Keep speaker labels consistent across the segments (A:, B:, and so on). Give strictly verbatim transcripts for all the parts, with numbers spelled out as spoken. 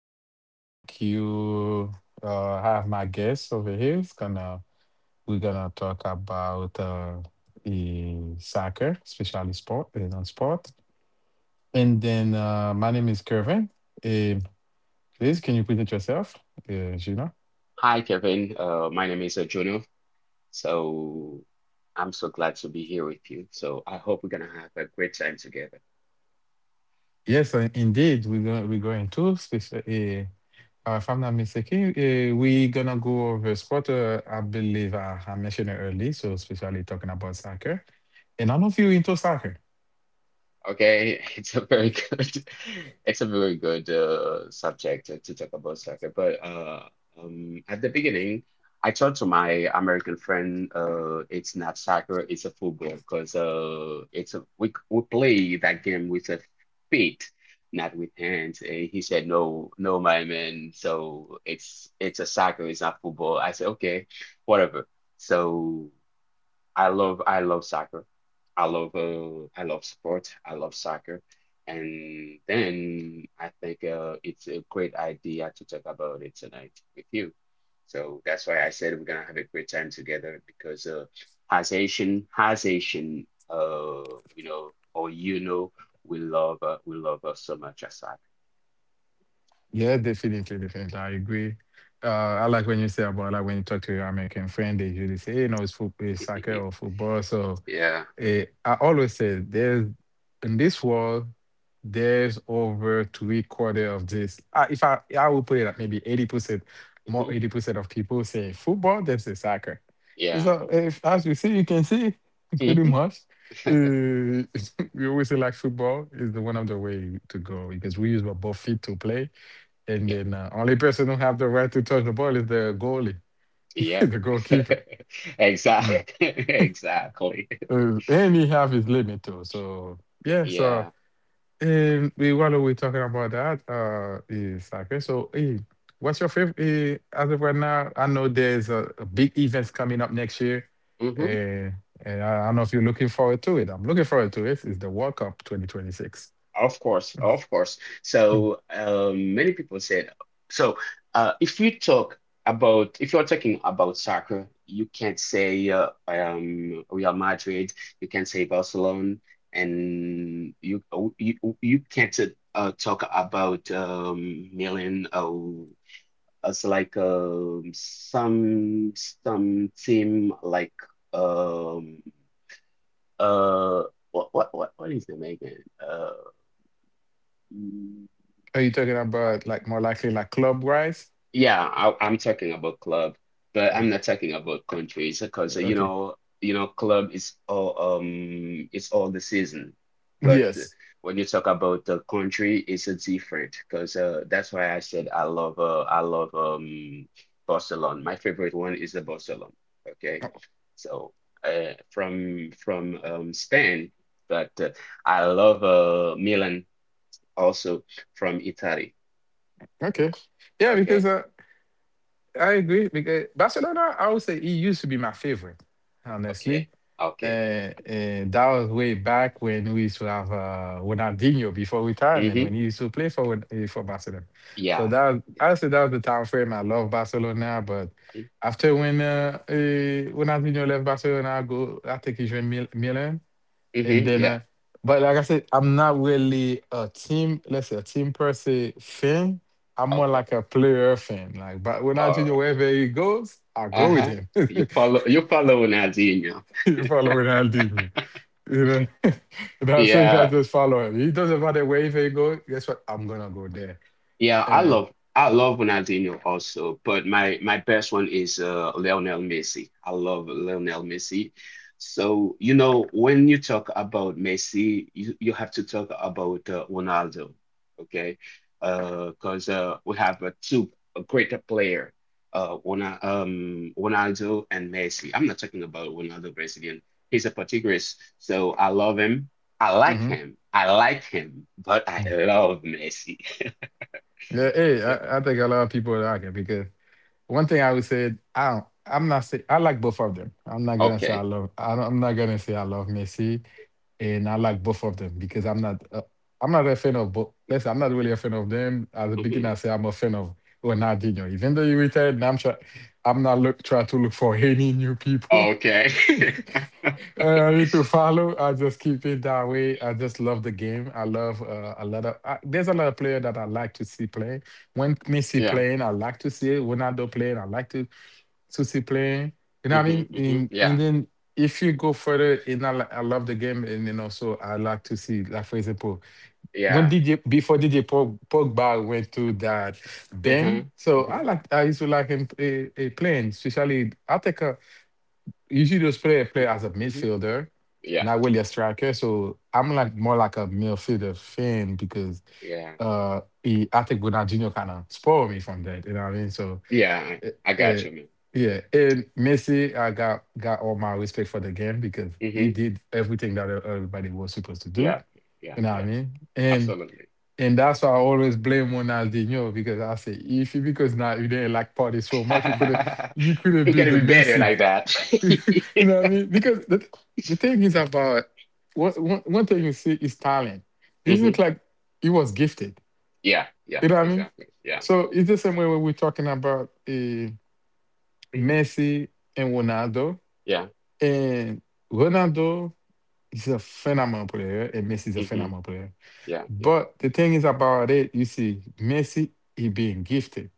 A: afternoon, everyone. Thank you. Uh, I have my guest over here. It's gonna we're gonna talk about uh, the soccer, especially sport and on sport. And then uh, my name is Kevin. Eh, Please, can you present yourself, uh, Gina?
B: Hi, Kevin. Uh, my name is uh, Juno. So I'm so glad to be here with you. So I hope we're gonna have a great time together.
A: Yes, uh, indeed. We're going we're going to special. Uh, uh, if I'm not mistaken, uh, we're gonna go over sport. Uh, I believe I, I mentioned it early, so especially talking about soccer. And I don't know if you're into soccer.
B: Okay, it's a very good, it's a very good uh, subject to, to talk about soccer. But uh, um, At the beginning, I told to my American friend, uh, it's not soccer, it's a football, because uh, it's a, we we play that game with a feet, not with hands. And he said, no, no, my man. So it's it's a soccer, it's not football. I said, okay, whatever. So. I love I love soccer. I love uh, I love sports. I love soccer. And then I think uh, it's a great idea to talk about it tonight with you. So that's why I said we're gonna have a great time together because uh, as Asian, as Asian, uh, you know, or you know, we love uh, we love uh, so much as soccer.
A: Yeah, definitely, definitely. I agree. Uh, I like when you say about like when you talk to your American friend, they usually say, "Hey, you know, it's football, it's soccer or football." So
B: Yeah.
A: eh, I always say there's in this world, there's over three quarter of this. Uh, if I I would put it at maybe eighty percent, more
B: Mhm.
A: eighty percent of people say football than say soccer.
B: Yeah.
A: So if, as you see, you can see pretty
B: Mhm.
A: much. Uh, we always say like football is the one of the way to go because we use our both feet to play, and
B: Yeah.
A: then uh, only person who have the right to touch the ball is the goalie,
B: Yeah.
A: the goalkeeper. Mm.
B: Exactly. Exactly.
A: Uh, and he have his limit too. So yeah,
B: Yeah.
A: so and we while we're talking about that, uh is soccer. So eh, what's your favorite uh, as of right now? I know there's a, a big events coming up next year.
B: hmm
A: Uh, and I, I don't know if you're looking forward to it. I'm looking forward to it. It's the World Cup twenty twenty-six.
B: Of course, of course.
A: Mm.
B: So um, many people said so. Uh, if you talk about if you're talking about soccer, you can't say uh, um, Real Madrid. You can't say Barcelona, and you oh, you you can't uh, talk about um, Milan. Or it's like um, some some team like. Um, Uh, what what what what is it, Megan? Uh, mm,
A: Are you talking about like more likely like club wise?
B: yeah, I, I'm talking about club, but
A: Oh,
B: I'm not talking about countries because uh, you
A: okay.
B: know you know club is all um it's all the season, but uh,
A: Yes.
B: when you talk about the country, it's a different because uh that's why I said I love uh I love um Barcelona. My favorite one is the Barcelona. Okay, so uh from from um Spain, but uh, I love uh Milan. Also from Italy.
A: Okay. Yeah, because
B: Okay,
A: uh, I agree. Because Barcelona, I would say it used to be my favorite, honestly.
B: okay, okay.
A: Uh, uh, that was way back when we used to have uh, Ronaldinho before retirement, when he
B: Mm-hmm.
A: used to play for Ron- eh, for Barcelona. So
B: Yeah.
A: that was, I would say that was the time frame I love Barcelona. But after when uh, uh, Ronaldinho left Barcelona, I go I think he joined Mil- Milan. And
B: Mm-hmm.
A: then,
B: Yeah.
A: uh, but like I said, I'm not really a team, let's say a team per se fan. I'm more
B: Okay.
A: like a player fan. Like, but
B: All
A: Ronaldinho,
B: right.
A: wherever he goes, I go with
B: Uh-huh.
A: him.
B: You
A: You
B: follow. You follow Nadine.
A: follow Ronaldinho. You know, that's it. I
B: Yeah.
A: just follow him. He doesn't matter wherever he goes. Guess what? I'm gonna go there.
B: Yeah, I
A: Uh,
B: love I love Ronaldinho also, but my my best one is uh Lionel Messi. I love Lionel Messi. So, you know, when you talk about Messi, you, you have to talk about uh, Ronaldo, okay? Uh, 'cause uh we have uh, two a greater player, uh Rona- um Ronaldo and Messi. I'm not talking about Ronaldo Brazilian. He's a Portuguese, so I love him. I like
A: mhm.
B: him. I like him, but I love Messi.
A: Yeah, hey,
B: Okay.
A: I, I think a lot of people like it because one thing I would say, I don't. I'm not say I like both of them. I'm not gonna say I
B: Okay.
A: love. I don't, I'm not gonna say I love Messi, and I like both of them because I'm not. Uh, I'm not a fan of both. Listen, I'm not really a fan of them. At the beginning,
B: hmm
A: I say I'm a fan of Ronaldinho. Even though you retired, and I'm try, I'm not look trying to look for any new people.
B: Okay.
A: Uh, I need to follow. I just keep it that way. I just love the game. I love uh, a lot of. I, there's a lot of player that I like to see play when Messi
B: Yeah.
A: playing, I like to see it. Ronaldo playing, I like to to see playing. You know what I
B: hmm
A: mean?
B: hmm
A: In, and
B: Yeah.
A: then if you go further, in I, li- I love the game, and then also I like to see, like for example, when
B: Yeah.
A: D J before D J Pog- Pogba went to that Ben,
B: Uh-huh.
A: so I
B: hmm
A: like I used to like him eh, eh, playing, especially attacker usually those player play as a
B: hmm
A: midfielder,
B: Yeah.
A: not really a striker. So I'm like more like a midfielder fan because
B: Yeah.
A: uh he, I think Ronaldinho kind of spoiled me from that. You know what I mean? So
B: Yeah. I I
A: uh, uh,
B: got you, man.
A: yeah, and Messi, I got got all my respect for the game because he
B: Hmm
A: did everything that everybody was supposed to do.
B: Yeah. Yeah.
A: You know what I
B: Yeah.
A: mean? And
B: Absolutely.
A: and that's why I always blame Ronaldinho because I say if you because now you didn't like party so much, you could not you could not
B: You
A: be
B: gotta
A: the
B: be better
A: Messi.
B: like that.
A: You know what I mean? Because the, the thing is about one, one one thing you see is talent. This look
B: hmm
A: like he was gifted.
B: Yeah. Yeah.
A: You know what I mean?
B: Exactly. Yeah.
A: So it's the same way when we're talking about uh,
B: hmm
A: Messi and Ronaldo.
B: Yeah.
A: And Ronaldo is a phenomenal player, and Messi is a
B: hmm
A: phenomenal player.
B: Yeah. Yeah.
A: But the thing is about it, you see, Messi, he being gifted.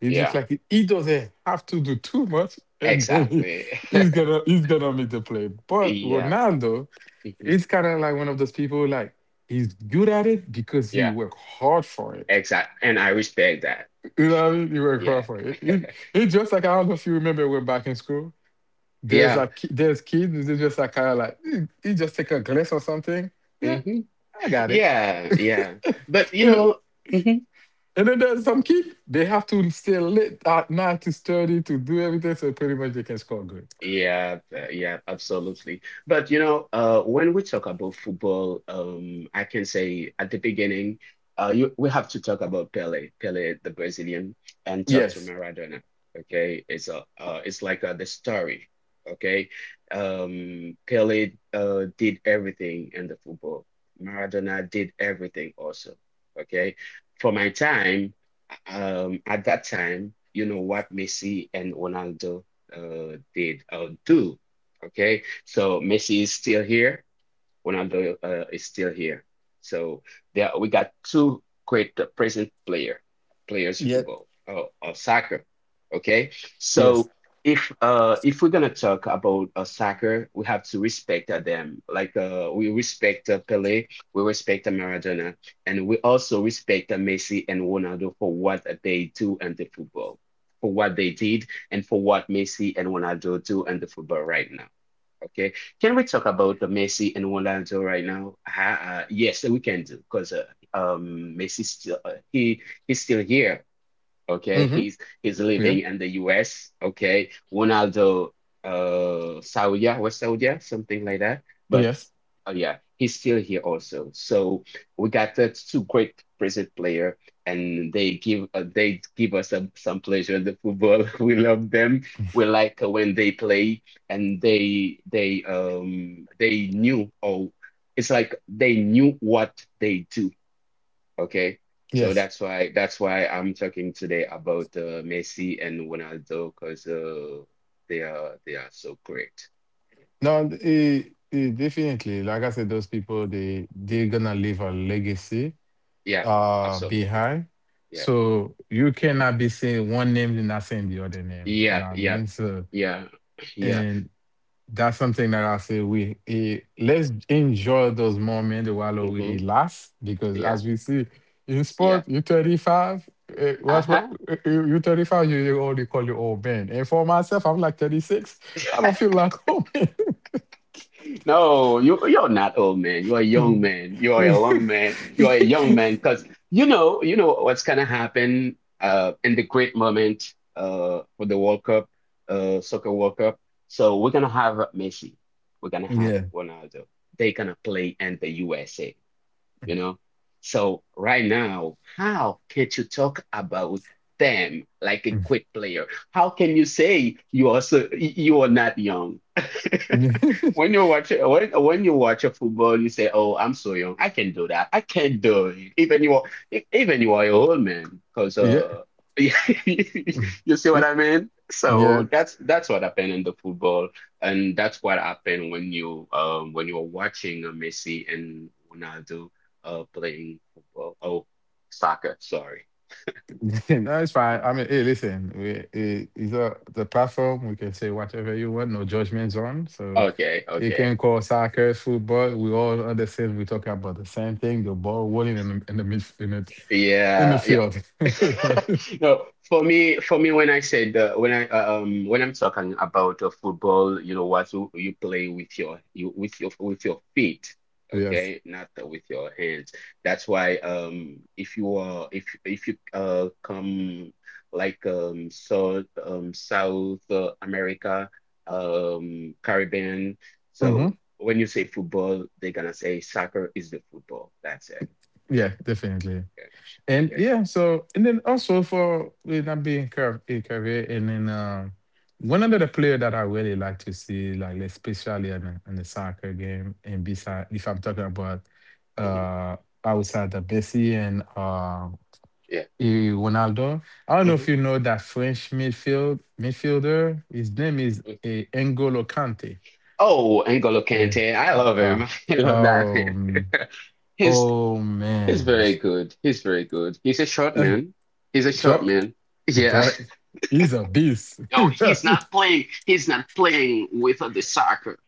A: It looks
B: Yeah.
A: like he, he doesn't have to do too much, and then he,
B: Exactly.
A: he's gonna he's gonna make the play. But
B: Yeah.
A: Ronaldo,
B: hmm
A: it's kind of like one of those people like he's good at it because he
B: Yeah.
A: worked hard for it.
B: Exact. And I respect that.
A: You know what I mean? He worked hard
B: Yeah.
A: for it. It, it just like I don't know if you remember when back in school. There's
B: Yeah.
A: like ki- there's kids. They just like kind of like he, he just take a glass or something. Yeah,
B: hmm
A: I got it.
B: Yeah. Yeah. But you
A: And
B: know, mhm.
A: And then there's some kid. They have to stay late at night to study, to do everything, so pretty much they can score good.
B: Yeah, uh, yeah, absolutely. But you know, uh, when we talk about football, um, I can say at the beginning, uh, you, we have to talk about Pele, Pele the Brazilian, and talk to
A: Yes.
B: Maradona. Okay, it's a, uh, it's like uh, the story. Okay, um, Pele uh, did everything in the football. Maradona did everything also. Okay, for my time, um, at that time, you know what Messi and Ronaldo uh, did uh, do. Okay, so Messi is still here. Ronaldo uh, is still here. So there we got two great uh, present player players
A: Yet,
B: football or, or soccer. Okay,
A: yes.
B: so if uh if we're gonna talk about uh, soccer, we have to respect uh, them. Like uh we respect uh, Pelé, we respect uh, Maradona, and we also respect uh, Messi and Ronaldo for what they do in the football, for what they did, and for what Messi and Ronaldo do in the football right now. Okay. Can we talk about the Messi and Ronaldo right now? Uh, uh, yes, we can do because uh, um, Messi still uh, he he's still here. Okay,
A: Hmm.
B: he's he's
A: Yeah.
B: living in the U S. Okay, Ronaldo, uh, Saudi, was Saudi, something like that. But
A: Yes.
B: oh yeah, he's still here also. So we got the two great Brazil player, and they give uh, they give us some some pleasure in the football. We love them. We like uh, when they play, and they they um they knew oh, it's like they knew what they do. Okay, so
A: Yes.
B: that's why that's why I'm talking today about uh, Messi and Ronaldo because uh, they are they are so great.
A: No, it, it definitely. Like I said, those people they they're gonna leave a legacy
B: Yeah,
A: uh
B: absolutely.
A: behind.
B: Yeah.
A: So you cannot be saying one name and not saying the other name. You
B: Yeah,
A: know what I
B: yeah,
A: mean? So
B: yeah, yeah.
A: and. That's something that I say we eh, let's enjoy those moments while we
B: Mm-hmm.
A: it lasts because as
B: Yeah,
A: we see in
B: yeah.
A: sport, you 35, eh, what, what
B: Uh-huh.
A: eh, you you thirty-five, you you already call you old man. And for myself, I'm like thirty-six. I don't feel like old
B: No, you you're not old man. You are a young
A: man.
B: man. You are a young man. You are a young man because you know you know what's gonna happen uh in the great moment uh for the World Cup, uh soccer World Cup. So we're gonna have Messi. We're gonna have
A: Yeah.
B: Ronaldo. They're gonna play in the U S A. You know? So right now, how can you talk about them like a quit player? How can you say you also you are not young? When you watch it, when when you watch a football, you say, "Oh, I'm so young. I can do that. I can do it." Even you are, e- even you are an old man, because
A: Yeah.
B: uh, you see
A: Yeah.
B: what I mean.
A: Yeah.
B: So that's that's what happened in the football, and that's what happened when you um when you are watching uh, Messi and Ronaldo uh playing football. Oh, soccer. Sorry.
A: No, it's fine. I mean, hey, listen, we, it, it's a, the platform. We can say whatever you want, no judgments on. So
B: Okay,
A: you
B: okay.
A: can call soccer, football. We all understand. We talk about the same thing: the ball rolling in the in the midf- in the, in the
B: Yeah, yeah.
A: field.
B: No, for me, for me, when I said uh, when I uh, um when I'm talking about uh, football, you know what you, you play with your you with your with your feet,
A: Yes.
B: okay, not uh, with your hands. That's why um if you are if if you uh come like um South um South uh, America um Caribbean,
A: Hmm.
B: so when you say football, they're gonna say soccer is the football. That's it.
A: Yeah, definitely.
B: Okay,
A: And
B: okay.
A: yeah, so and then also for with that being career, and then um, one of the player that I really like to see, like especially in the, in the soccer game, and beside if I'm talking about
B: hmm
A: uh outside the Messi and uh
B: Yeah.
A: eh, Ronaldo, I don't know if
B: hmm
A: you know that French midfield midfielder. His name is uh, N'Golo Kante.
B: Oh, N'Golo
A: Eh,
B: Kante, I love him.
A: ah,
B: I love that man.
A: um,
B: He's
A: oh
B: he's
A: man.
B: very good. He's very good. He's a short
A: Eh,
B: man. He's a short
A: Jo-
B: man. Yeah.
A: But he's a beast.
B: Oh, he's not playing. He's not playing with uh, the soccer.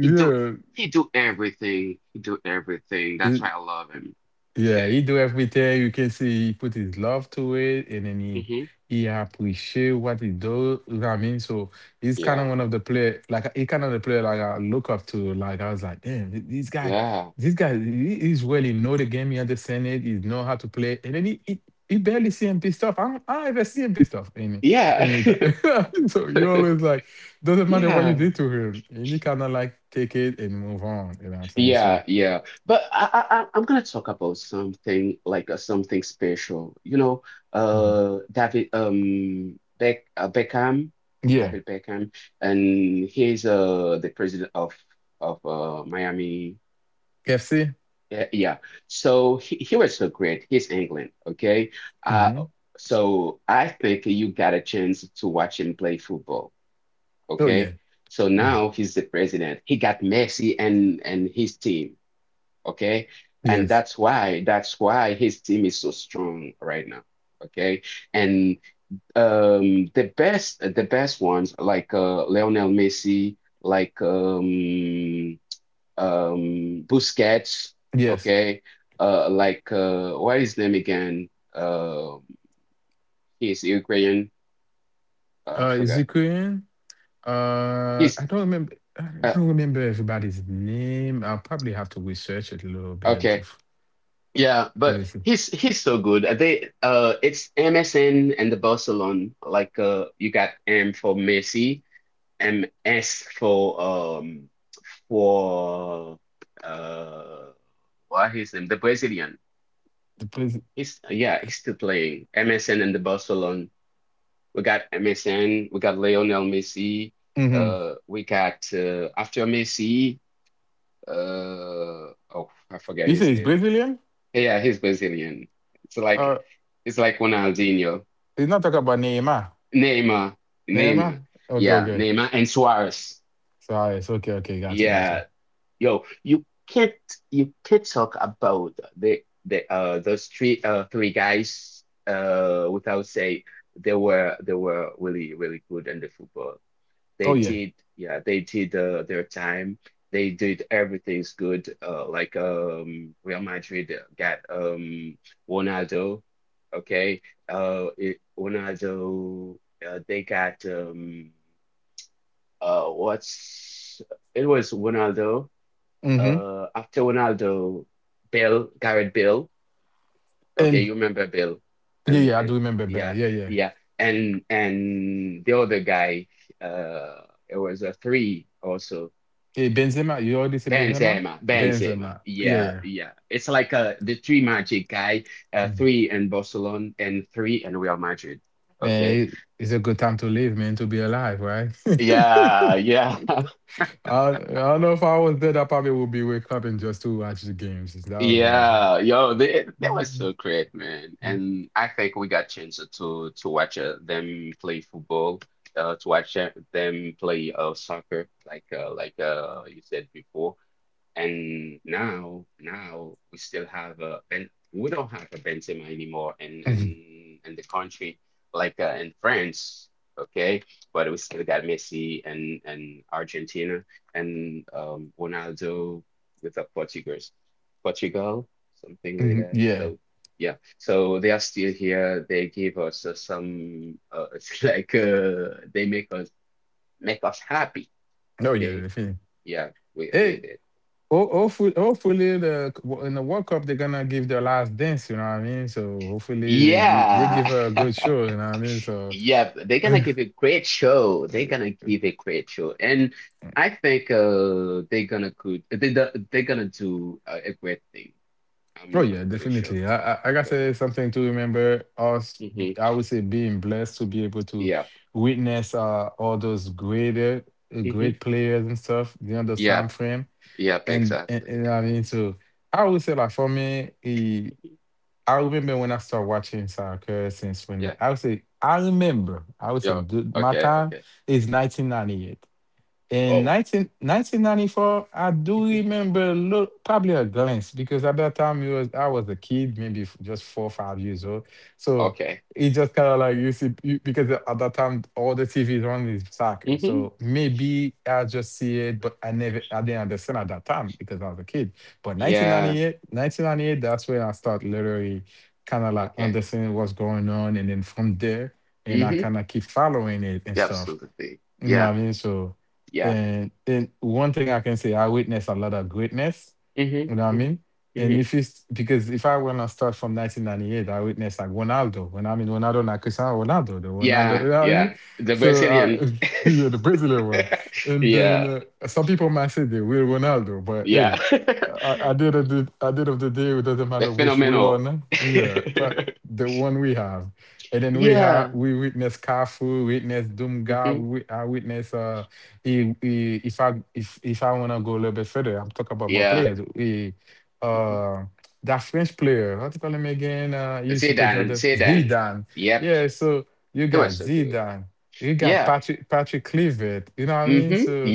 B: He do he do everything. He do everything. That's why
A: he-
B: I love him.
A: Yeah,
B: Okay.
A: he do everything. You can see he put his love to it, and then he
B: hmm
A: he appreciate what he do. You know what I mean? So he's kind
B: Yeah.
A: of one of the player, like he kind of the player like I look up to. Like I was like, damn, th- this guy,
B: Yeah.
A: this guy, he- he's really know the game. He understand it. He know how to play. And then he he, he barely C M P stuff. I don't, I ever C M P stuff any
B: Yeah.
A: any time. So you always like doesn't matter what you
B: Yeah.
A: did to him, and he kind of like take it and move on. You know what I'm saying?
B: Yeah,
A: So
B: yeah. But I, I, I- I'm gonna talk about something like uh, something special. You know,
A: mhm.
B: uh, David, um, Beck, uh, Beckham,
A: Yeah,
B: David Beckham, and he's uh the president of of uh Miami.
A: K F C.
B: Yeah, yeah. So he, he was so great. He's England, okay? Uh,
A: Hmm.
B: so I think you got a chance to watch him play football,
A: Oh
B: okay?
A: yeah.
B: So
A: Mm.
B: now he's the president. He got Messi and and his team, okay? And
A: Yes.
B: that's why that's why his team is so strong right now, okay? And um the best the best ones like uh Lionel Messi, like um um Busquets,
A: Yes.
B: okay? Uh like uh what is his name again? Um he's Ukrainian. Uh, I
A: Uh, is
B: forgot.
A: he Korean? Uh,
B: He's
A: I don't remember. I
B: uh,
A: don't remember everybody's name. I'll probably have to research it a little bit.
B: okay.
A: Of
B: Yeah,
A: let
B: but
A: me see.
B: he's he's so good. Uh, They uh it's M S N and the Barcelona. Like uh you got M for Messi, M S for um for uh what his name? The Brazilian.
A: The president.
B: He's yeah, he's still playing. M S N and the Barcelona. We got M S N, we got Lionel Messi,
A: Hmm.
B: uh we got uh after Messi, uh oh I forget
A: You
B: his
A: say he's
B: name.
A: Brazilian?
B: Yeah, he's Brazilian. It's like
A: Uh,
B: it's like Ronaldinho,
A: he's not talking about Neymar.
B: Neymar,
A: Neymar.
B: Neymar.
A: Okay.
B: Yeah,
A: Okay.
B: Neymar and Suarez.
A: Sorry. It's okay. Okay. Got you. Got
B: Yeah,
A: you.
B: yo, you can't you can't talk about the the uh those three uh three guys uh without say they were they were really really good in the football. They
A: Oh yeah.
B: did, yeah, they did uh, their time. They did everything's good. Uh, like um, Real Madrid got um Ronaldo, okay. Uh, it, Ronaldo. Uh, they got um uh what's it was Ronaldo.
A: Mm-hmm.
B: Uh, after Ronaldo, Bale, Gareth Bale. Okay,
A: And
B: you remember Bill,
A: yeah,
B: and
A: yeah. I
B: and
A: do remember Bell.
B: yeah,
A: Yeah, yeah.
B: yeah, and and the other guy, uh, it was a three also.
A: Hey, Benzema. You already say Benzema.
B: Benzema, Benzema,
A: Benzema. Yeah,
B: yeah,
A: yeah.
B: yeah. It's like uh the three magic guy, uh,
A: Mm-hmm.
B: three in Barcelona and three in Real Madrid.
A: Man,
B: Okay,
A: it, it's a good time to live, man, to be alive, right?
B: yeah, yeah.
A: I, I don't know if I was dead, I probably would be wake up and just to watch the games. That was uh,
B: Yeah, yo, they they were so great, man. And I think we got chance to to watch uh, them play football, uh, to watch uh, them play uh, soccer, like uh, like uh, you said before. And now, now we still have a Ben. We don't have a Benzema anymore in in in the country like uh, in France, okay? But we still got Messi and and Argentina and um, Ronaldo with the Portuguese, Portugal, something like that.
A: yeah,
B: So yeah, so they are still here. They give us uh, some. Uh, it's like uh, they make us make us happy,
A: no, yeah,
B: okay?
A: definitely.
B: Yeah, with with
A: Hey,
B: it.
A: ho- hopefully, hopefully the in the World Cup they're gonna give their last dance. You know what I mean? So hopefully they give they give
B: Yeah.
A: her a good show. You know what I mean? So
B: Yep, they're gonna give a great show. They're gonna give a great show. And I think uh they're gonna could they do- they're gonna do a, a great thing.
A: Oh
B: I'm I'm
A: yeah,
B: pretty sure.
A: definitely. I, I, got I said, something to remember us. I
B: Mm-hmm.
A: would say being blessed to be able to
B: Yep.
A: witness uh, all those greater, uh,
B: Hmm.
A: great players and stuff during those time
B: Yep.
A: frame.
B: Yep,
A: And, and,
B: exactly.
A: and I mean, so I would say like for me, eh,
B: Mhm.
A: I remember when I started watching soccer since when
B: Yeah.
A: I would say I remember. I would say
B: Yeah.
A: dude, my
B: Okay,
A: time
B: okay.
A: is nineteen ninety-eight. In
B: Oh.
A: nineteen nineteen ninety four, I do
B: Mhm.
A: remember a little, probably a glance because at that time it was I was a kid, maybe f- just four or five years old. So
B: Okay.
A: it just kind of like you see you, because at that time all the T Vs on is soccer.
B: Hmm.
A: So maybe I just see it, but I never I didn't understand at that time because I was a kid. But nineteen
B: Yeah.
A: ninety eight nineteen ninety eight that's when I start literally kind of like
B: Okay.
A: understanding what's going on, and then from there, and I
B: Hmm.
A: kind of keep following it and
B: Yeah,
A: stuff.
B: absolutely.
A: You know
B: Yeah.
A: what I mean? So,
B: Yeah.
A: and and one thing I can say, I witnessed a lot of greatness. You
B: Hmm.
A: know what I
B: Hmm.
A: mean? And
B: Hmm.
A: if you s- because if I wanna start from nineteen ninety-eight, I witnessed like Ronaldo. When I mean Ronaldo, not Cristiano Ronaldo, the Ronaldo.
B: Yeah,
A: You know what I mean?
B: yeah. The
A: So uh,
B: Brazilian.
A: yeah, the Brazilian one. And then
B: Yeah,
A: uh, some people might say the real Ronaldo, but hey,
B: yeah.
A: I, I did at the at the end of the day, it doesn't
B: The
A: matter which will or
B: phenomenal.
A: not. Yeah, but the one we have. And then we have
B: Yeah.
A: we witness Kafu, witness Dumga,
B: Hmm.
A: we I witness uh I- I- if I if if I wanna go a little bit further, I'm talking about more
B: Yeah.
A: players. We
B: Hmm.
A: uh that French player, what do you call him again? Uh he used to play the
B: Zidane,
A: other
B: Zidane.
A: Zidane.
B: Yep.
A: Yeah, so you
B: He
A: got
B: was so good.
A: Zidane, you got
B: Yeah.
A: Patrick Patrick Clivet, you know what I mean?
B: Hmm.
A: So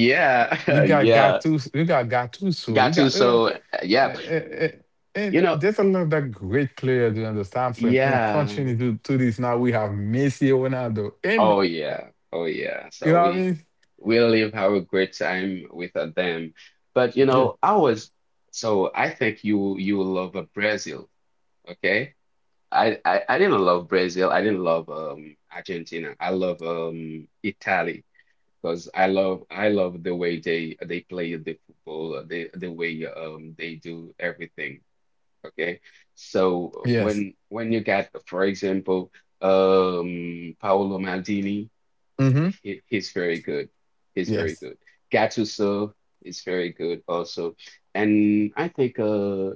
A: you got
B: Yeah.
A: Gattuso, you got Gattuso, you got yeah.
B: Gattuso. uh, Yep.
A: And,
B: You
A: and
B: know,
A: there's a lot of that great players during the time frame and
B: yeah.
A: continuing to, to this now. We have Messi, Ronaldo, and
B: Oh yeah, oh yeah.
A: you know
B: So
A: what I
B: we
A: mean?
B: we live have a great time with uh, them. But you
A: Yeah.
B: know, I was so I think you you will love uh, Brazil, okay? I, I I didn't love Brazil. I didn't love um Argentina. I love um Italy because I love I love the way they they play the football, uh, the the way um they do everything, okay? So
A: Yes.
B: when when you got, for example, um Paolo Maldini
A: Mm-hmm.
B: he, he's very good. He's very
A: Yes.
B: good. Gattuso is very good also. And I think uh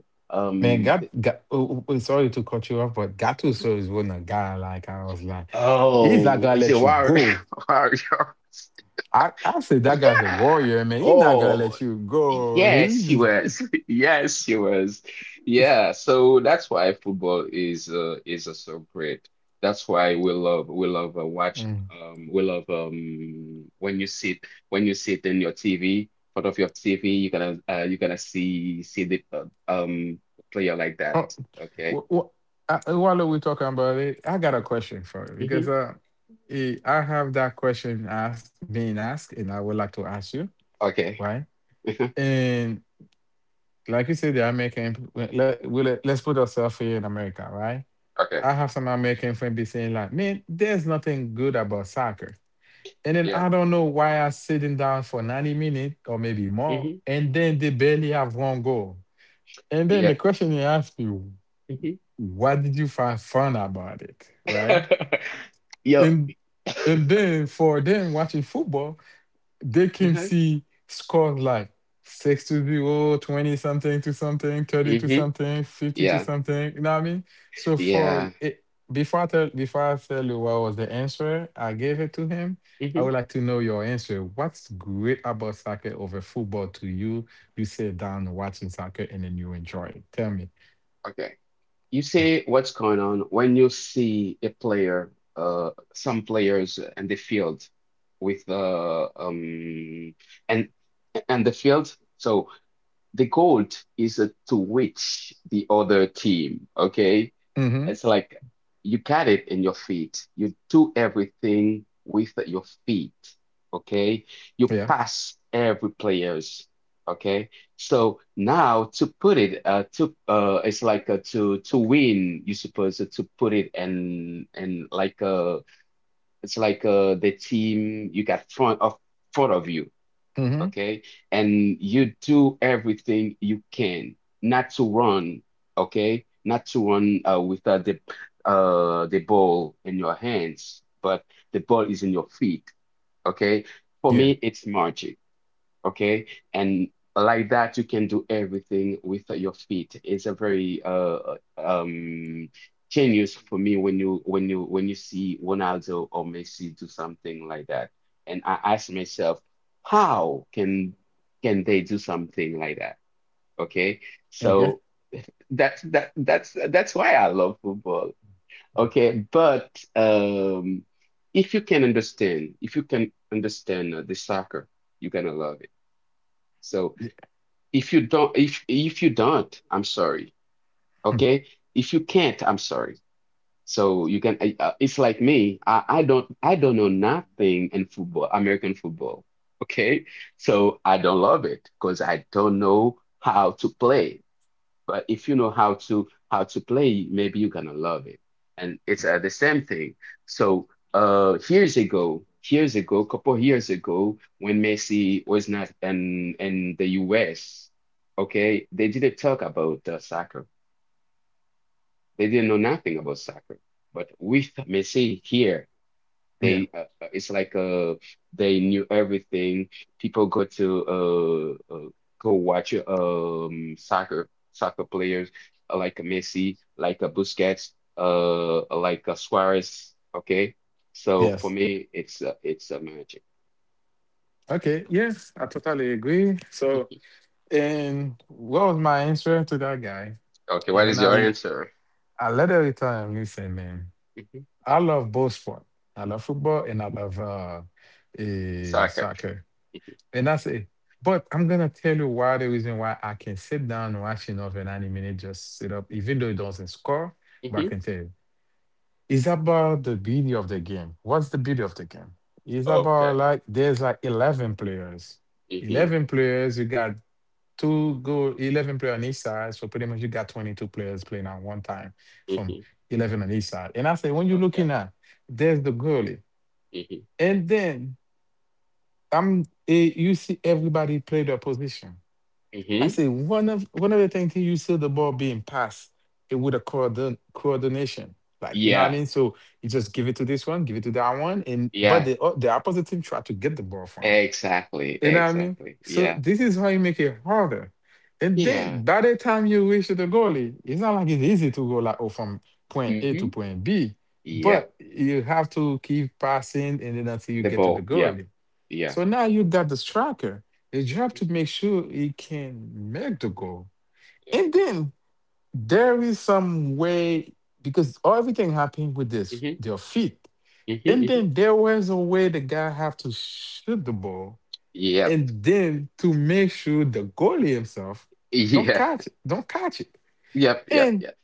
A: Man,
B: um
A: got
B: the,
A: got. Oh, oh, oh, sorry to cut you off, but Gattuso is one a guy like I was like, he's not
B: oh
A: gonna
B: is it
A: let you
B: War
A: go.
B: Warrior?
A: I, I said that guy's a
B: Yeah.
A: warrior, man. He's not gonna
B: Oh,
A: let you go.
B: yes, she was. Yes, she was. Yeah. So that's why football is uh is uh, so great. That's why we love we love uh, watch
A: Mm.
B: um we love um when you sit when you sit in your T V front of your T V you gonna uh you gonna see see the uh, um player like that. Okay.
A: Wh- wh- uh, uh, While we're talking about it, I got a question for you because
B: Hmm.
A: uh, eh, I have that question asked being asked, and I would like to ask you
B: Okay.
A: why.
B: Mhm.
A: And like you said, the American we- let we let- let's put ourselves here in America, right? I
B: Okay.
A: have some American friend be saying like, "Man, there's nothing good about soccer," and then I don't
B: Yeah.
A: know why I'm sitting down for ninety minutes or maybe more,
B: Hmm.
A: and then they barely have one goal. And then the
B: Yeah.
A: question you ask me,
B: Hmm.
A: "What did you find fun about it?" Right?
B: Yo.
A: And and then for them watching football, they can see scores like six to zero, twenty something to something, thirty to
B: Mm-hmm.
A: something, fifty to
B: Yeah.
A: something. You know what I mean? So for
B: Yeah.
A: it, before I tell before I tell you what was the answer, I gave it to him. I would
B: Mm-hmm.
A: like to know your answer. What's great about soccer over football to you? You sit down watching soccer and then you enjoy it. Tell me.
B: Okay. You see what's going on when you see a player, uh, some players in the field with the um and and the field. So the goal is uh, to reach the other team. Okay.
A: Mm-hmm.
B: It's like you got it in your feet. You do everything with your feet. Okay. You
A: Yeah.
B: pass every players. Okay. So now to put it, uh, to uh, it's like uh, to to win. You supposed to put it and and like uh, it's like uh, the team you got front of front of you,
A: Mm-hmm.
B: okay? And you do everything you can not to run, okay? Not to run uh, with uh, the uh, the ball in your hands, but the ball is in your feet, okay? For
A: Yeah.
B: me, it's magic. Okay. And like that, you can do everything with your feet. It's a very uh uh, um genius for me when you when you when you see Ronaldo or Messi do something like that. And I ask myself, how can can they do something like that? Okay.
A: Okay.
B: So that's that that's that's why I love football. Okay, but um if you can understand, if you can understand uh, the soccer, you're gonna love it. So if you don't, if if you don't, I'm sorry.
A: Yeah.
B: Okay? If you can't, I'm sorry. So you can. I- Uh, it's like me. I, I don't. I don't know nothing in football, American football. Okay? So I don't love it because I don't know how to play, but if you know how to how to play maybe you're gonna love it, and it's uh, the same thing. So uh years ago years ago couple years ago when Messi was not in in the U S, okay, they didn't talk about uh, soccer, they didn't know nothing about soccer, but with Messi here
A: Yeah.
B: they uh, uh, it's like uh they knew everything. People go to uh, uh go watch um soccer soccer players, uh, like a Messi, like a Busquets, uh uh, like a Suarez. Okay, so for
A: Yes.
B: me, it's uh, it's a magic.
A: Okay. Yes, I totally agree. So,
B: Mhm.
A: and what was my answer to that guy?
B: Okay,
A: And
B: what
A: then
B: is
A: I,
B: your
A: l-
B: answer?
A: I later returned. Listen, man,
B: Mhm.
A: I love both sport. I love football and I love uh, eh,
B: Soccer.
A: soccer. And I say, but I'm gonna tell you why the reason why I can sit down watching of an anime and just sit up, even though it doesn't score. But I
B: Hmm.
A: can tell you. It's about the beauty of the game. What's the beauty of the game? It's about
B: Okay.
A: like there's like eleven players.
B: Hmm.
A: Eleven players, you got two good eleven players on each side. So pretty much you got twenty-two players playing at one time from
B: Hmm.
A: eleven on each side. And I say when you're
B: Okay.
A: looking at there's the goalie.
B: Hmm.
A: And then I'm eh, you see everybody play their position. I
B: Hmm.
A: say one of one of the things he used to the ball being passed, it would have coordin- coordination. Like you know what I
B: Yeah.
A: mean? So you just give it to this one, give it to that one, and but
B: Yeah.
A: the o- the opposite team try to get the ball from.
B: Exactly.
A: You know what I mean?
B: Exactly.
A: So
B: Yeah.
A: this is how you make it harder. And then
B: Yeah.
A: by the time you reach the goalie, it's not like it's easy to go like oh from point A to
B: Hmm.
A: point B,
B: Yeah.
A: but you have to keep passing and then until you
B: The
A: get to the
B: ball. Yep.
A: goalie.
B: Yeah.
A: So now
B: Yeah.
A: you got the striker. His job to make sure he can make the goal.
B: Yeah.
A: And then there is some way because everything happened with this
B: Mm-hmm.
A: their feet. And
B: Mm-hmm. Hmm.
A: then there was a way the guy have to shoot the ball,
B: Yep.
A: and then to make sure the goalie himself don't
B: Yeah.
A: catch it, don't catch it.
B: Yep. Yep.
A: And
B: Yep.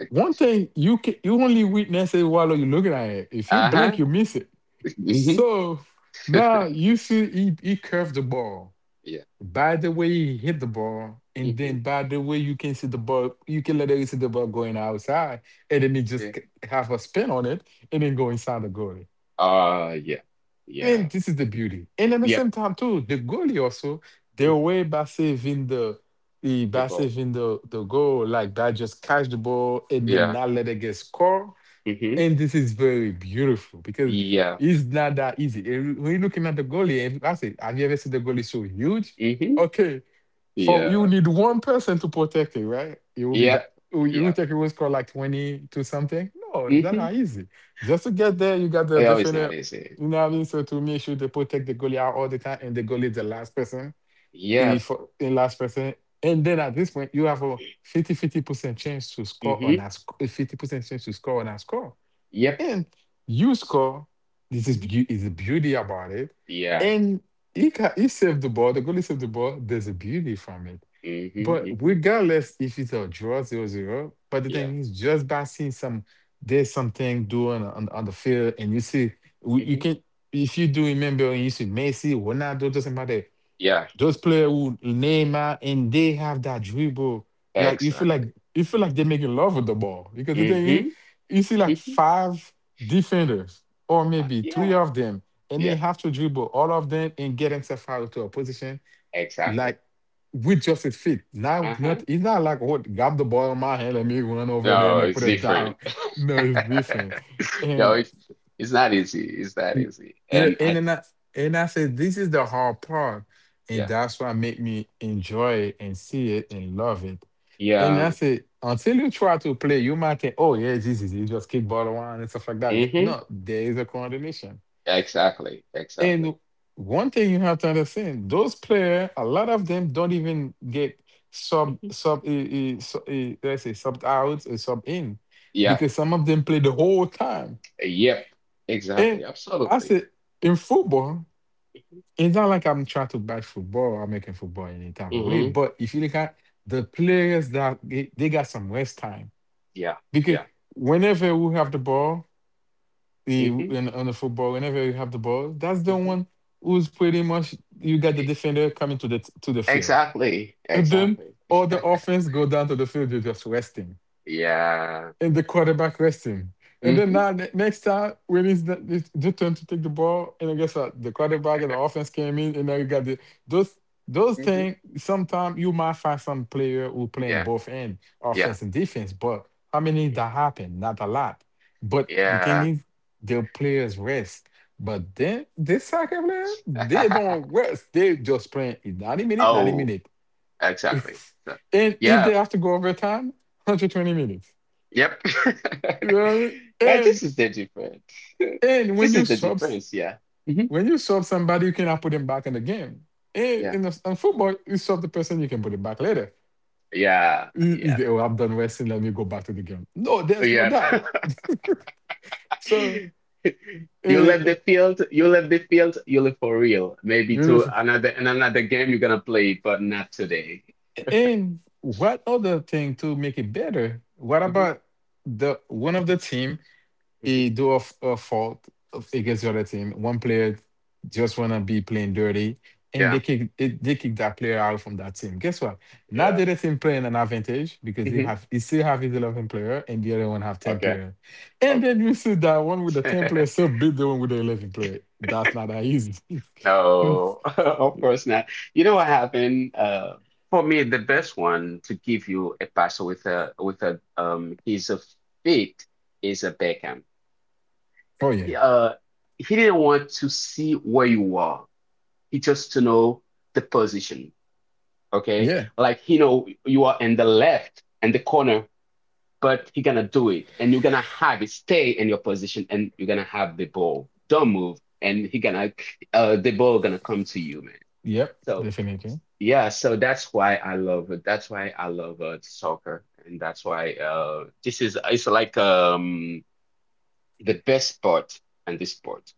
A: one thing you can you only witness it while you're looking at it. If you blink,
B: Uh-huh.
A: you miss it.
B: Hmm.
A: So now you see he, he curved the ball.
B: Yeah.
A: By the way he hit the ball, and
B: Hmm.
A: then by the way you can see the ball, you can let it see the ball going outside, and then it
B: Yeah.
A: just c- have a spin on it, and then go inside the goalie.
B: Uh, yeah. Yeah.
A: And this is the beauty. And at the same
B: Yep.
A: time too, the goalie also their
B: Hmm.
A: way by saving the the
B: The
A: by
B: ball.
A: saving the the goal, like by just catch the ball and then
B: Yeah.
A: not let it get score,
B: Hmm.
A: and this is very beautiful because
B: Yeah.
A: it's not that easy. And when you're looking at the goalie, and I said, have you ever seen the goalie so huge?
B: Hmm.
A: Okay, for you
B: Yeah.
A: need one person to protect it, right? It will be
B: Yep.
A: that you you will
B: Yep.
A: take a will score like twenty to something. No, it's not
B: Hmm.
A: that easy. Just to get there, you got the
B: I always not
A: defender,
B: easy.
A: you know what I mean? So to make sure they protect the goalie out all the time and the goalie is the last person,
B: Yep.
A: if in last person. And then at this point, you have a fifty-fifty percent chance to score on
B: Hmm.
A: a sc- fifty percent chance to score on a score.
B: Yep.
A: And Yusko, this is
B: Hmm.
A: beau- is the beauty about it.
B: Yeah.
A: And he ca he saved the ball. The goalie saved the ball. There's a beauty from it.
B: Hmm.
A: But
B: Hmm.
A: regardless if it's a draw zero zero, but the
B: Yeah.
A: thing is just by seeing some there's something doing on, on the field and you see w- you
B: Hmm.
A: can if you do remember and you see Messi, Ronaldo, doesn't matter.
B: Yeah.
A: Those players who Neymar and they have that dribble. Like you feel like
B: Exactly.
A: you feel like they make making love with the ball. Because the thing is,
B: Hmm.
A: you see like five defenders, or
B: Ha-
A: maybe three
B: Yeah,
A: of them, and they
B: yeah,
A: have to dribble all of them and get himself out to a position
B: exactly.
A: like with just his feet. Now
B: Uh-huh.
A: not it's not like what grab the ball in my hand, let me run over there
B: No,
A: and then
B: it's
A: put it down.
B: different.
A: No, it's different.
B: No,
A: And.
B: it's it's not easy. It's not
A: Y-
B: easy.
A: Yeah,
B: And
A: and
B: I,
A: then I and I said this is the hard part, and
B: yeah,
A: that's what make me enjoy it and see it and love it. And I
B: yeah.
A: said until you try to play, you might think, oh yeah, this is you just kick ball around and stuff like that.
B: Mm-hmm.
A: No, there is a coordination.
B: Exactly, exactly.
A: And one thing you have to understand, those players, a lot of them don't even get sub
B: Hmm.
A: sub eh, eh, sub eh, let's say sub out or sub in,
B: Yeah,
A: because some of them play the whole time.
B: yep,
A: And
B: exactly,
A: I
B: absolutely.
A: said in football, it's not like I'm trying to bash football or making football in any type of way.
B: Mm-hmm.
A: But if you look at the players that they, they got some rest time
B: Yeah,
A: because
B: yeah.
A: whenever we have the ball the,
B: Mm-hmm.
A: in, on the football, whenever you have the ball, that's the
B: Mm-hmm.
A: one who's pretty much you got the defender coming to the to the field.
B: Exactly,
A: And then
B: exactly.
A: all the offense go down to the field. They're just resting
B: Yeah.
A: and the quarterback resting. And then
B: Mm-hmm.
A: now ne- next time when it's the, it's their turn to take the ball, and I guess what the quarterback and the offense came in, and then you got the those those
B: Mm-hmm.
A: things. Sometimes you might find some player who playing
B: Yeah,
A: both end
B: yeah,
A: offense and defense, but how many that happen? Not a lot. But the thing
B: yeah.
A: is, their players rest. But then this soccer player, they don't rest. They just playing in ninety minutes, ninety
B: Oh.
A: minutes.
B: Exactly. So,
A: And if they
B: yeah.
A: have to go overtime, one hundred twenty minutes.
B: Yep.
A: Yeah,
B: Yeah,
A: and
B: this is the difference.
A: and when
B: This
A: you
B: is the
A: sub
B: difference. Yeah. Hmm.
A: when you sub somebody, you cannot put them back in the game. And
B: Yeah.
A: in, the, in football, you sub the person, you can put it back later.
B: Yeah.
A: You- you
B: Yeah.
A: say, "Oh, I have done wrestling. Let me go back to the game." No, there's no
B: Yeah.
A: that. So,
B: You
A: uh,
B: left
A: uh,
B: the field. You left the field. You live for real. Maybe to
A: Beautiful.
B: another in another game you're gonna play, but not today.
A: And what other thing to make it better? What
B: Hmm.
A: about the one of the team?
B: Hmm.
A: he do a, f- a fault of- against the other team. One player just wanna be playing dirty, and they
B: Yeah.
A: kick they, they kick that player out from that team. Guess what? Now
B: Yeah.
A: the other team playing an advantage because he
B: Hmm.
A: have he still have his eleven player and the other one have ten
B: Okay.
A: player, and
B: Okay.
A: then you see that one with the ten player still beat the one with the eleven player. That's not that easy. oh
B: No, of course not. You know what happened? Uh, for me, the best one to give you a pass with a with a um his uh, feet is a Beckham. He,
A: yeah,
B: uh, he didn't want to see where you are. He just to know the position. Okay,
A: yeah,
B: like he know you are in the left and the corner, but he gonna do it, and you're gonna have it stay in your position, and you're gonna have the ball. Don't move, and he gonna uh the ball gonna come to you, man.
A: yep,
B: So,
A: definitely,
B: yeah, so that's why I love it. That's why I love uh, soccer, and that's why uh, this is it's like um, the best part and this sport.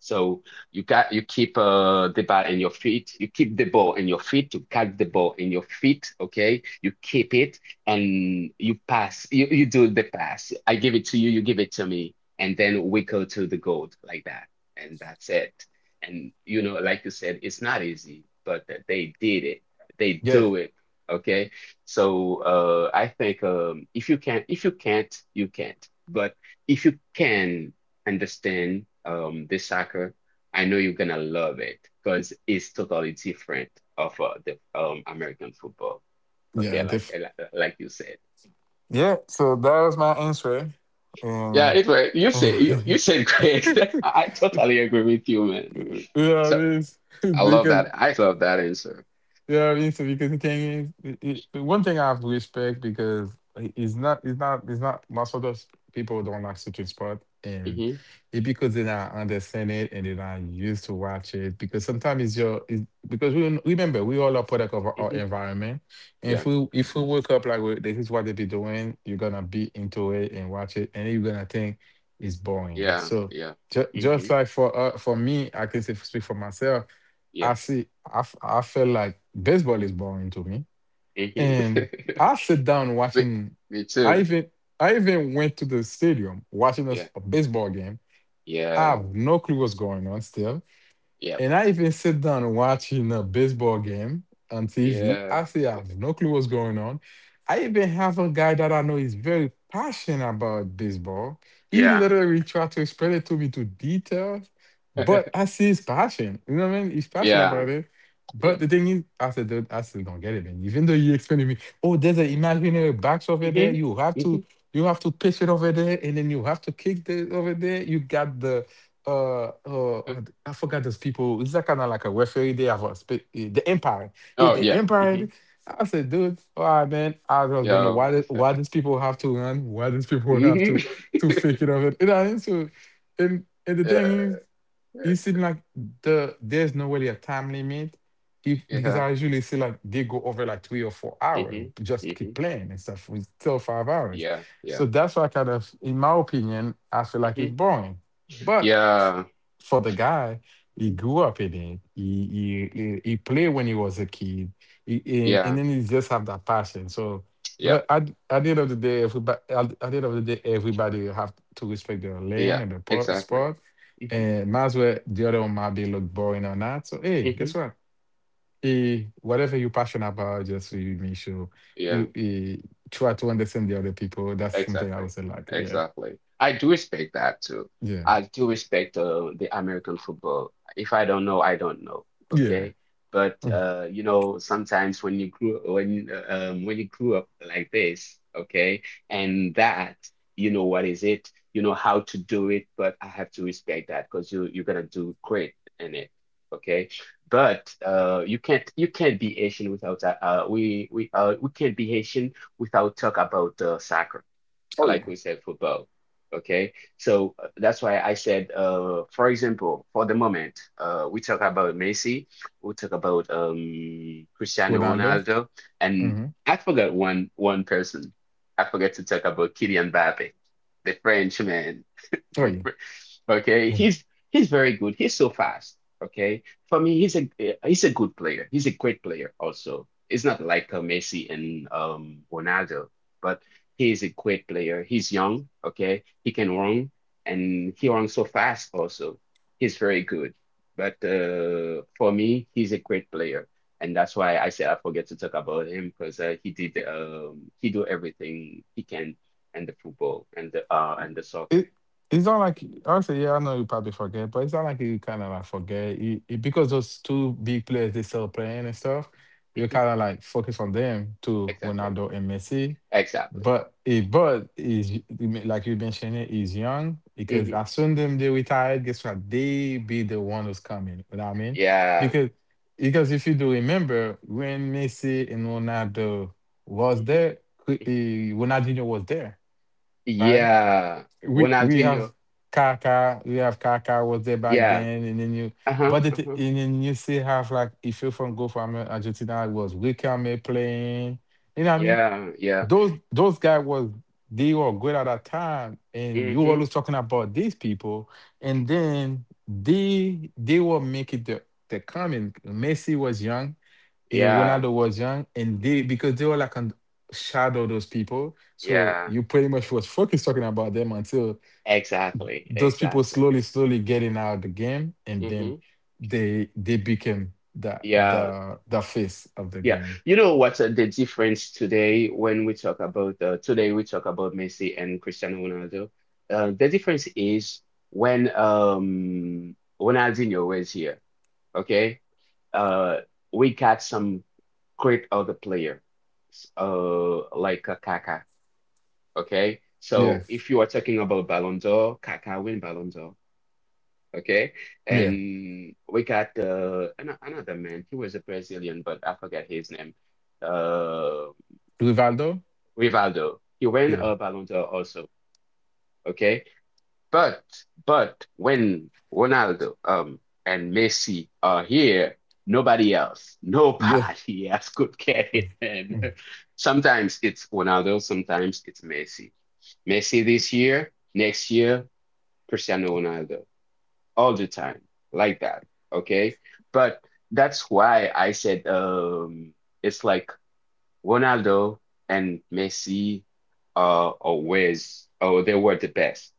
B: So you got you keep uh, the ball in your feet. You keep the ball in your feet. You catch the ball in your feet. Okay, you keep it and you pass. You you do the pass. I give it to you. You give it to me, and then we go to the goal like that, and that's it. And you know, like you said, it's not easy, but th- they did it. They
A: yeah,
B: do it. Okay, so uh, I think um, if you can, if you can't, you can't. But if you can understand um this soccer, I know you're gonna love it because it's totally different of uh, the um American football. Okay,
A: yeah,
B: like
A: def-
B: like like you said.
A: yeah. So that was my answer,
B: Yeah,
A: and.
B: it was you said you, you said great. I, I totally agree with you, man.
A: You know what I
B: So
A: mean?
B: I love
A: Because
B: that. I love that answer.
A: you know what I mean. So because the thing is, it, it, the one thing I have to respect because i- it's not, it's not, it's not. Most of those people don't like certain sport, and
B: Hmm.
A: it because they not understand it and they're not used to watch it. Because sometimes it's your, it's, because we remember we all are product of our, our
B: Hmm.
A: environment, and
B: Yeah.
A: if we if we wake up like, "Well, this is what they be doing, you're gonna be into it and watch it, and you're gonna think it's boring."
B: Yeah.
A: So,
B: Yeah.
A: Just, just
B: Hmm.
A: like for uh, for me, I can say, speak for myself. I
B: Yeah.
A: see. I, f- I feel like baseball is boring to me,
B: Hmm.
A: and I sit down
B: me,
A: watching.
B: Me
A: I
B: too.
A: even I even went to the stadium watching a,
B: Yeah.
A: s- a baseball game. I
B: Yeah.
A: have no clue what's going on still,
B: Yep.
A: and I even sit down watching a baseball game on T V.
B: Yeah.
A: I say I have no clue what's going on. I even have a guy that I know is very passionate about baseball. He
B: Yeah.
A: literally tried to explain it to me to details, but I see his passion. You know what I mean? He's passionate
B: Yeah.
A: about it.
B: Yeah.
A: But the thing is, I said, "Dude, I still don't get it. And even though you explained to me, oh, there's an imaginary box over there.
B: Hmm.
A: You have to, you have to pitch it over there, and then you have to kick it over there. You got the uh
B: Mm.
A: oh, I forgot those people. Is that kind of like a referee they have a spe- eh, the Empire?" Yeah,
B: Oh
A: the
B: yeah. Hmm.
A: Empire. I said, "Dude, all right, man. I was gonna
B: Yeah.
A: why did, why these people have to run? Why these people have
B: Hmm.
A: to to fake it of it?" You know, and so and and the thing is
B: Uh,
A: it seems like the there's no really a time limit if, because
B: yeah.
A: I usually see like they go over like three or four hours,
B: Hmm.
A: just keep
B: Hmm.
A: playing and stuff for still five hours.
B: Yeah. Yeah.
A: So that's why I kind of, in my opinion, I feel like it's
B: Hmm.
A: boring. But f-
B: Yeah.
A: for the guy,
B: Mhm.
A: he
B: Yeah.
A: grew up in it. He he he he played when he was a kid, he, and, and then he just have that passion. So,
B: Yeah.
A: but at, at the end of the day, everybody at, at the end of the day, everybody have to respect their lane
B: Yeah.
A: and the po-
B: Exactly.
A: sport,
B: Hmm.
A: and might as well, the other one might be look boring or not. So, hey,
B: Hmm.
A: guess what? Eh, whatever you're passionate about, just you make sure
B: Yeah.
A: you eh, try to understand the other people. That's something I would
B: Exactly.
A: say, like, yeah,
B: Exactly. I do respect that too.
A: yeah,
B: I do respect uh, the American football. If I don't know, I don't know.
A: yeah.
B: Okay. But
A: Mm.
B: uh, you know, sometimes when you grew when uh, um, when you grew up like this, okay, and that, you know what is it? You know how to do it, but I have to respect that because you you're gonna do great in it. Okay. But uh, you can't you can't be Asian without that. Uh, we we uh, we can't be Asian without talk about uh, soccer. I
A: Oh,
B: like
A: yeah.
B: we said, football. Okay, so uh, that's why I said, uh, for example, for the moment, uh, we talk about Messi, we talk about um, Cristiano
A: Ronaldo?
B: Ronaldo,
A: Mm-hmm.
B: and I forgot one one person. I forgot to talk about Kylian Mbappe, the French man.
A: Oh, yeah.
B: Okay, he's he's very good. He's so fast. Okay, for me, he's a he's a good player. He's a great player also. It's not like uh, Messi and um Ronaldo, but he is a great player. He's young. Okay, he can run and he runs so fast also. He's very good. But uh, for me, he's a great player, and that's why I said I forget to talk about him because uh, he did um he do everything he can and the football and the uh and the soccer.
A: it it's not like, honestly, yeah, I know you probably forget, but it's not like you kind of like forget you, it, because those two big players they still playing and stuff. You
B: Hmm.
A: kind of like focus on them to
B: Exactly.
A: Ronaldo and Messi,
B: Exactly.
A: but it but is you men- like you mentioned, it is young because
B: Hmm.
A: as soon them they retired, guess what? They be the one who's coming. You know what I mean?
B: Yeah.
A: Because because if you do remember when Messi and Ronaldo was
B: Hmm.
A: there, cou- eh, Ronaldinho was there, right?
B: Yeah.
A: We we have
B: Ronaldinho.
A: Kaka, we have Kaka was there back
B: Yeah.
A: then, and then you,
B: Uh-huh.
A: but it,
B: Uh-huh.
A: and then you still have like if you from go from uh, Argentina, it was Wickham playing, you know what I mean?
B: Yeah. Yeah.
A: Those those guys was, they were great at that time, and you
B: Hmm.
A: always talking about these people, and then they they will make it the the coming. Messi was young, and
B: Yeah.
A: Ronaldo was young, and they,
B: Hmm.
A: because they were like on shadow those people, so
B: Yeah.
A: you pretty much was focused talking about them until
B: Exactly.
A: those people
B: Exactly.
A: slowly, slowly getting out of the game, and then
B: Hmm.
A: they they became the
B: Yeah.
A: the the face of the
B: Yeah.
A: game.
B: You know what's uh, the difference today when we talk about uh, today we talk about Messi and Cristiano Ronaldo. Uh, the difference is when um Ronaldinho was here, okay? Uh, we got some great other player, s- uh, like a Kaká, okay?
A: Yeah,
B: So if you are talking about Ballon d'Or, Kaká win Ballon d'Or, okay?
A: yeah.
B: And we got uh, an another man. He was a Brazilian, but I forget his name. Uh,
A: Rivaldo,
B: Rivaldo. He won
A: yeah,
B: a Ballon d'Or also, okay? But but when Ronaldo um and Messi are here, nobody else,
A: yeah.
B: nobody else could get it. And
A: Mm.
B: sometimes it's Ronaldo, sometimes it's Messi. Messi this year, next year, Cristiano Ronaldo, all the time, like that. Okay, but that's why I said um it's like Ronaldo and Messi are always oh they were the best.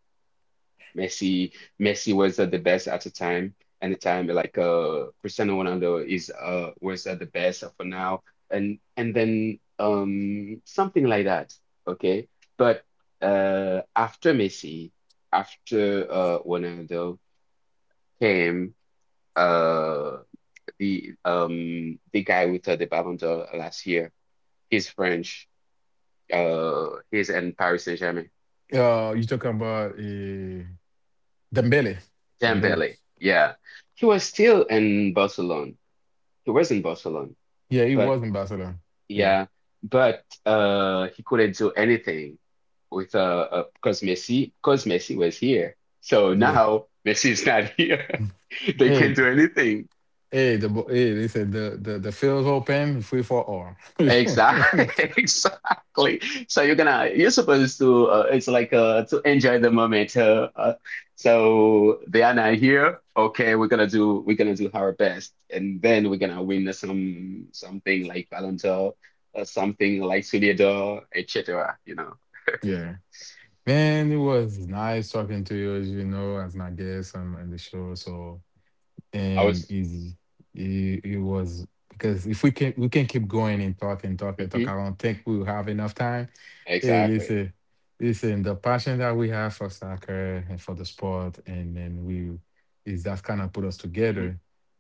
B: Messi, Messi was uh, the best at the time, and the time like uh, Cristiano Ronaldo is uh, was uh, the best for now, and and then um something like that. Okay, but uh after Messi, after uh Ronaldo came uh the um the guy with uh, the Ballon d'Or last year. He's French. Uh, he's in Paris Saint-Germain.
A: Uh, you talking about uh, Dembele? Dembele.
B: Dembele, yeah. He was still in Barcelona. He was in Barcelona,
A: Yeah, he
B: but
A: was in Barcelona. Yeah,
B: yeah, but uh, he couldn't do anything with uh, uh because Messi because Messi was here. So
A: yeah.
B: now Messi is not here. They can't
A: Hey,
B: do anything.
A: hey, the bo- hey, they said the the the field's open, free for all.
B: Exactly, exactly. So you're gonna you're supposed to uh, it's like uh to enjoy the moment. Uh, uh, so they are not here. Okay, we're gonna do we're gonna do our best, and then we're gonna win some something like Ballon or something like Soulier d'Or, et cetera. You know,
A: yeah. Man, it was nice talking to you, as you know, as my guest on, on the show. So
B: I
A: and
B: was
A: is it, it was, because if we can, we can keep going and talk and talk and talk. I
B: hmm
A: don't think we'll have enough time. Hey,
B: exactly.
A: listen, listen, the passion that we have for soccer and for the sport, and then we is that's kind of put us
B: Hmm.
A: together.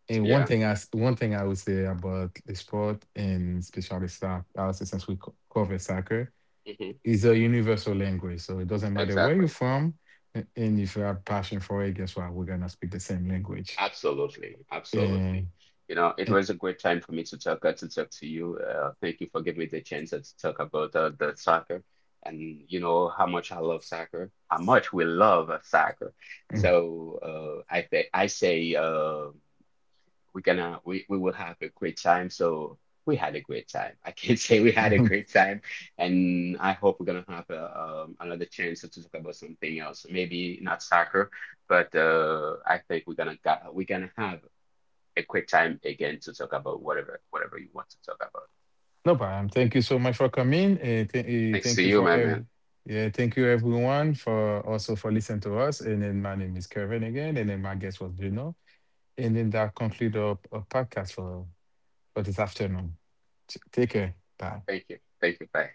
A: And one
B: Yeah,
A: thing I s- one thing I would say about the sport and especially soccer, I would say since we co- cover soccer,
B: hmm
A: is a universal language. So it doesn't matter where you're
B: exactly.
A: from, a- and if you have passion for it, guess what? We're gonna speak the same language.
B: Absolutely, absolutely. You know, it was a great time for me to talk uh, to talk to you. Uh, thank you for giving me the chance uh, to talk about uh, the soccer, and you know how much I love soccer, how much we love uh, soccer.
A: Eh, mm,
B: So uh, I th I say. Uh, we're gonna we, we will have a great time, so we had a great time, I can say we had a
A: mhm.
B: great time, and I hope we're gonna have a, um, another chance to talk about something else, maybe not soccer, but uh, I think we're gonna got, we're gonna have a quick time again to talk about whatever whatever you want to talk about.
A: No problem. Thank you so much for coming. Uh,
B: Thanks
A: thank
B: to
A: you
B: you
A: for
B: my
A: ev-
B: man.
A: yeah, thank you everyone for also for listening to us. And then my name is Kevin again, and then my guest was Juno. And then that concludes our, our podcast for for this afternoon. T- Take care. Bye.
B: Thank you, thank you, bye.